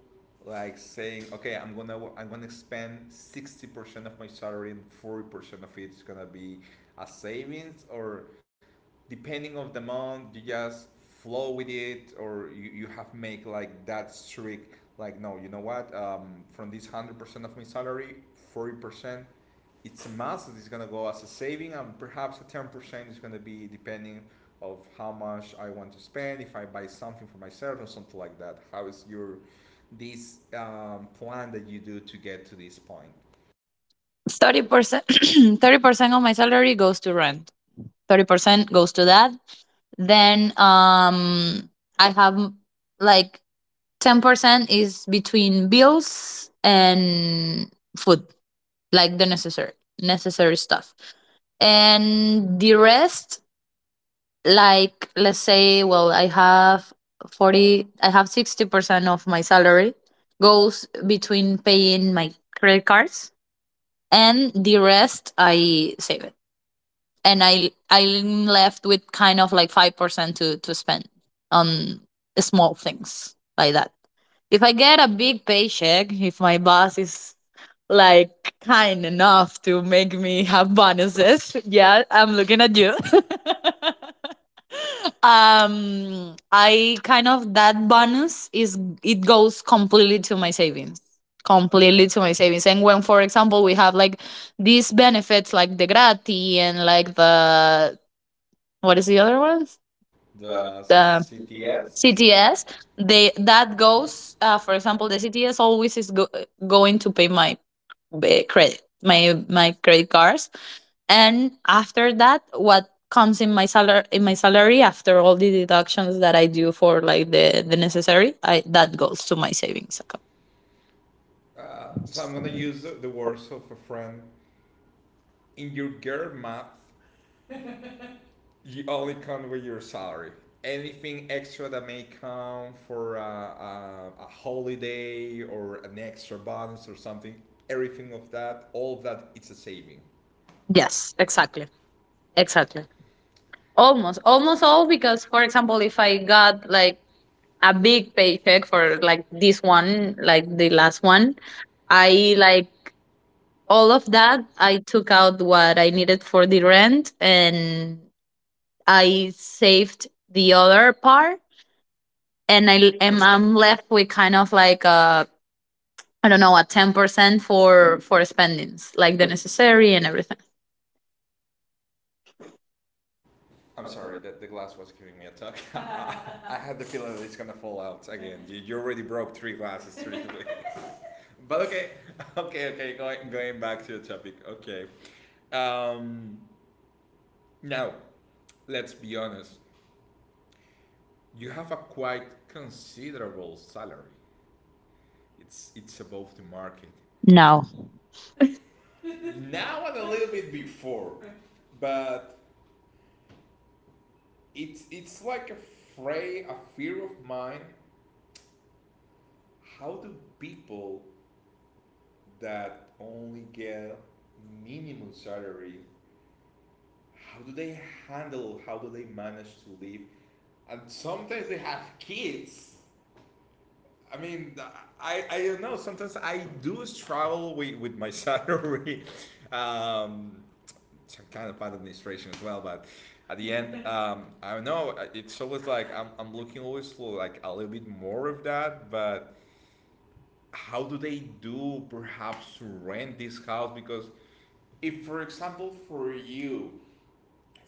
like saying, okay, I'm gonna spend 60% of my salary and 40% of it's gonna be a savings, or depending of the month you just flow with it, or you have make like that strict, like no, you know what, from this 100% of my salary, 40% it's a mass that is going to go as a saving, and perhaps a 10% is going to be depending of how much I want to spend if I buy something for myself or something like that. How is your this plan that you do to get to this point?
30% 30% of my salary goes to rent. 30% goes to that. Then I have like 10% is between bills and food, like the necessary stuff. And the rest, like, let's say, well, I have 40, I have 60% of my salary goes between paying my credit cards, and the rest I save it. And I'm left with kind of like 5% to spend on small things like that. If I get a big paycheck, if my boss is like kind enough to make me have bonuses, yeah, I'm looking at you. I kind of, that bonus, is it goes completely to my savings, completely to my savings. And when, for example, we have like these benefits like the grati and like the, what is the other one?
The
The
CTS. Yes.
CTS. They, that
That goes,
goes. For
for example.
example, the CTS going to pay my credit, my credit cards. And after that, what comes in my salary, after all the deductions that I do for like the necessary, I that goes to my savings account.
So I'm gonna use the words of a friend. In your girl math, you only count with your salary. Anything extra that may come for a holiday or an extra bonus or something, everything of that, all of that, it's a saving. Yes,
Yes,
exactly,
exactly.
exactly.
Exactly. Almost,
Almost
almost all
all because,
because, for
for example,
example,
if
if I
I got
got like
like
a
a big
big paycheck
paycheck for
for
like
like
this
this
one,
one, like
like
the
the last
last
one,
one, I
I
like
like all
all of
of
that.
that. I
I took out what I needed for the rent and I saved the other part. And I'm left with kind of like a, I don't know, a 10% for spendings like the necessary and everything.
I'm sorry that the glass was giving me a tug. I had the feeling that it's gonna fall out again. You already broke 3 glasses. Three. But okay. Going back to the topic. Okay. Um, now let's be honest. You have a quite considerable salary. It's above the market.
No.
No. Now and a little bit before, but it's like a a fear of mine. How do people that only get minimum salary, how do they handle, how do they manage to live, and sometimes they have kids. I mean, I don't know, sometimes I do struggle with my salary, um, some kind of bad administration as well, but at the end I don't know, it's always like I'm looking always for like a little bit more of that. But how do they do perhaps to rent this house? Because if, for example, for you,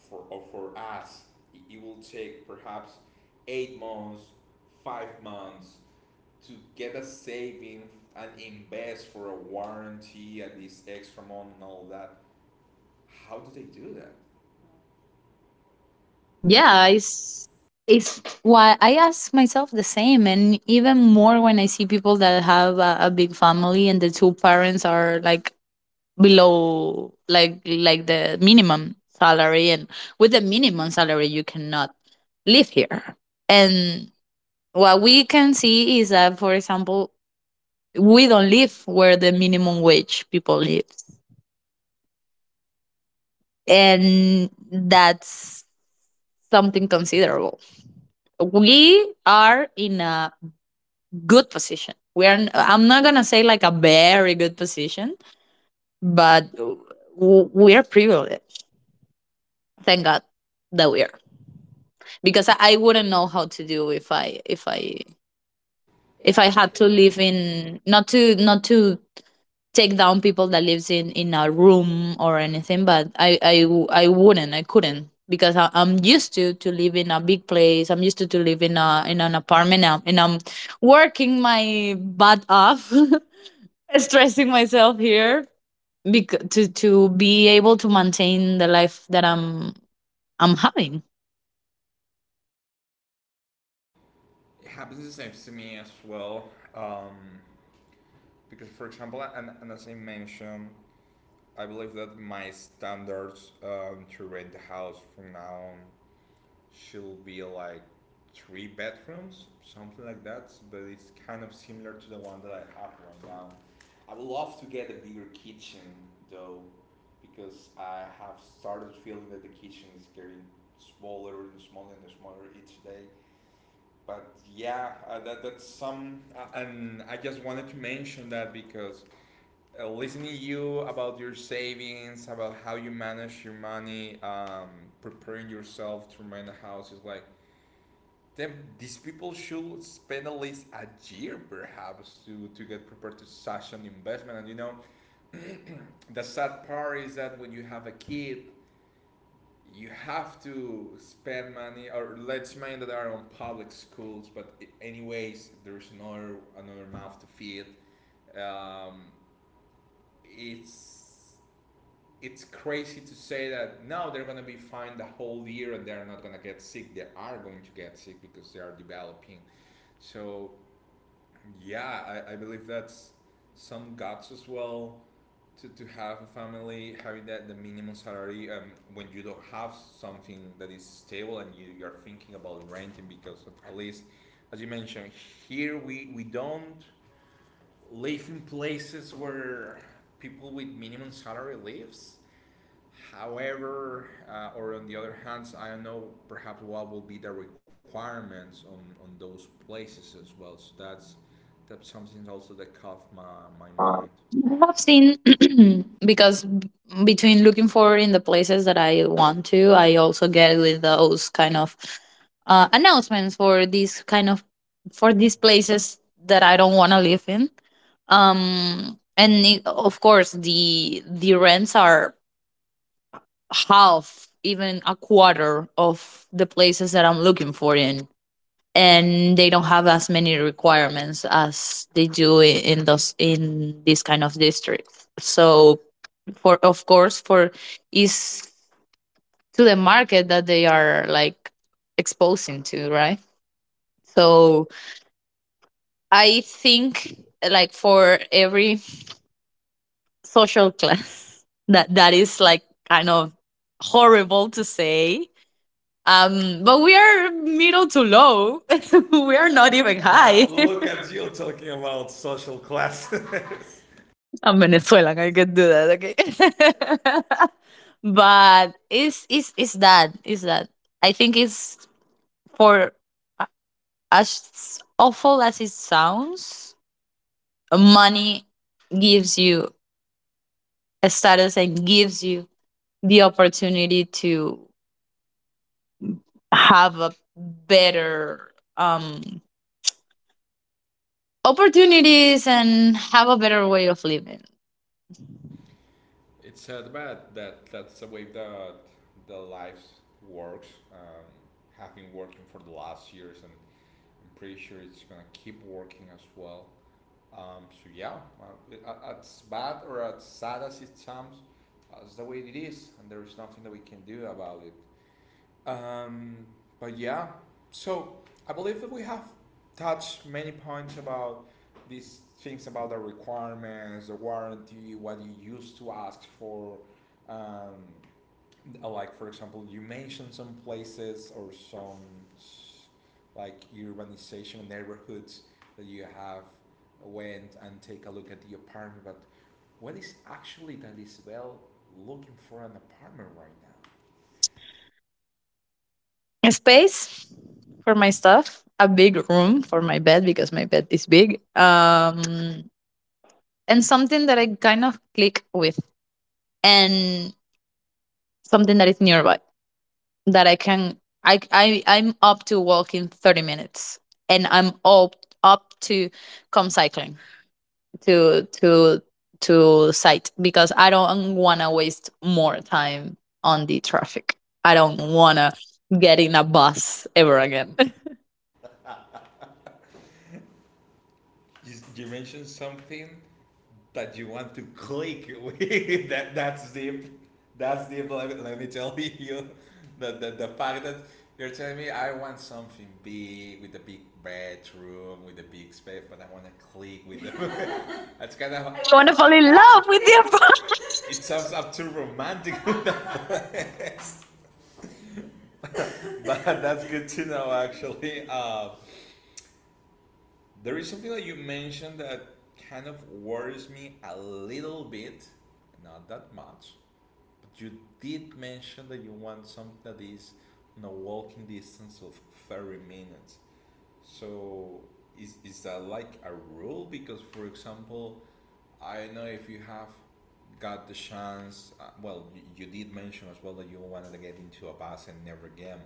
for or for us, it will take perhaps 8 months, 5 months to get a saving and invest for a warranty and this extra month and all that. How do they do that?
Yeah, it's why I ask myself the same, and even more when I see people that have a, big family and the two parents are like below, like the minimum salary, and with the minimum salary you cannot live here. And what we can see is that, for example, we don't live where the minimum wage people live, and that's something considerable. We are in a good position. We're I'm not gonna say like a very good position, but we're privileged. Thank God that we are, because wouldn't know how to do if I had to live in, not to, take down people that lives in a room or anything, but I would not, I wouldn't, I couldn't, because I'm used to live in a big place. I'm used to live in a, in an apartment now, and I'm working my butt off stressing myself here because to be able to maintain the life that I'm having.
It happens the same to me as well. Because, for example, and as I mentioned, I believe that my standards to rent the house from now on should be like 3 bedrooms, something like that. But it's kind of similar to the one that I have right now. I would love to get a bigger kitchen though, because I have started feeling that the kitchen is getting smaller and smaller and smaller each day. But yeah, that that's some, and I just wanted to mention that because listening to you about your savings, about how you manage your money, preparing yourself to rent a house is like, then these people should spend at least a year perhaps to get prepared to such an investment. And you know, the sad part is that when you have a kid, you have to spend money, or let's mind that are on public schools, but anyways there's another mouth to feed, um, it's it's crazy to say that now they're gonna be fine the whole year and they're not gonna get sick. They are going to get sick because they are developing. So yeah, I believe that's some guts as well to have a family, having that the minimum salary when you don't have something that is stable and you are thinking about renting because of, at least as you mentioned, here we don't live in places where people with minimum salary lives. However, or on the other hand, I don't know perhaps what will be the requirements on those places as well. So that's something also that caught my mind. I
I
have
have seen
seen.
because b- between looking for in the places that I want to, I also get with those kind of announcements for these kind of, for these places that I don't want to live in. And it, of course, the rents are half, even a quarter of the places that I'm looking for in, and they don't have as many requirements as they do in those, in this kind of districts. So for, of course, for is to the market that they are like exposing to, right? So I think like for every social class that, that is like kind of horrible to say. But we are middle to low. We are
We're not
not
even.
even
Now
high.
look at you talking about social class.
I'm Venezuelan. I can do that. Okay. But it's that, it's that. I think it's for, a- as awful as it sounds, money gives you a status and gives you the opportunity to have a better um opportunities and have a better way of living.
It's sad, but that that's the way that the life works. Having working for the last years, and I'm pretty sure it's gonna keep working as well. So yeah, as bad or as sad as it sounds, that's the way it is, and there is nothing that we can do about it. Um, but yeah, so I believe that we have touched many points about these things about the requirements, the warranty, what you used to ask for, um, like for example you mentioned some places or some like urbanization neighborhoods that you have went and take a look at the apartment, but what is actually that is well looking for an apartment right
A space for my stuff, a big room for my bed because my bed is big, and something that I kind of click with, and something that is nearby that I can. I'm up to walk in 30 minutes, and I'm up to come cycling to to site because I don't want to waste more time on the traffic. I
now.
don't
One
want to get in a bus ever again.
you mentioned something that you want to click with. That that's deep. That's deep. Let me tell you that the fact that you're telling me I want something big with a big bedroom with a big space, but I want to click with them. That's kind of. I
They
want to
want to
fall
fall in
in
love
love with
with their.
you. It sounds up to romantic, but that's good to know actually. There is something that you mentioned that kind of worries me a little bit, not that much. But you did mention that you want something that is on a walking distance of 30 minutes. So is that like a rule? Because, for example, I don't know if you have got the chance, well, you did mention as well that you wanted to get into a bus and never again.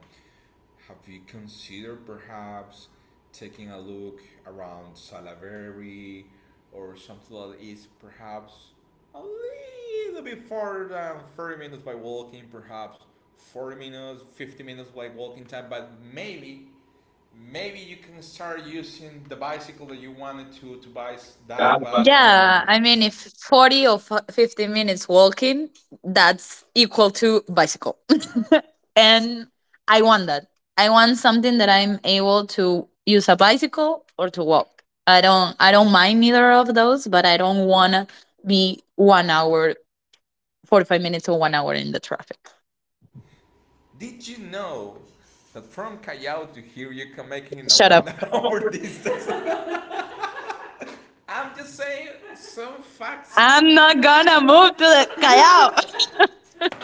Have you considered perhaps taking a look around Salaberry or something that is perhaps a little bit farther than 30 minutes by walking, perhaps 40 minutes, 50 minutes by walking time, but maybe you can start using the bicycle that you wanted to buy that, but yeah,
Yeah i
I
mean if
mean,
40 or 50 minutes walking, that's equal to bicycle. And I want that, I want something that I'm able to use a bicycle or to walk. I don't mind neither of those, but I don't want to be 1 hour, 45 minutes or 1 hour in the traffic.
did you know that from Callao to here you can make it in a
Shut up.
one hour distance? I'm just saying some facts. I'm
I'm
not
not gonna
gonna
move
move
to the
this.
callao.
I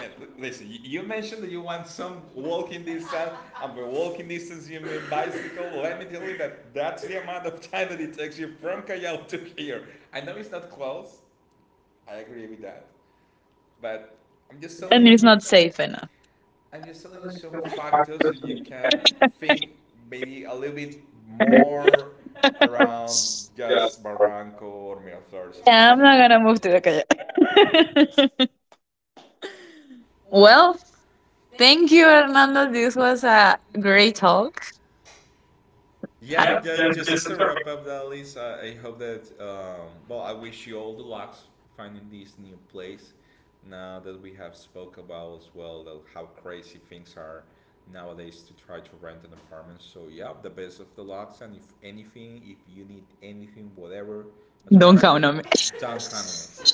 mean, listen, you mentioned that you want some walking distance, and by walking distance you mean bicycle. Let me tell you that that's the amount of time that it takes you from Callao to here. I know it's not close. I agree with that, but I'm just
And
telling
it's
you.
not safe enough.
I'm just telling you some factors so you can think maybe a little bit more around just Barranco or Miraflores.
Yeah, I'm not gonna move to the calle.
Well,
Well, thank you, Hernando. This was a great talk.
yeah,
Yeah,
just as a wrap up, that list, I hope that well, I wish you all the luck finding this new place. Now that we have spoke about as well that how crazy things are nowadays to try to rent an apartment. So yeah, the best of the lucks, and if anything, if you need anything, whatever, just don't remember,
I-
comment. Don't comment.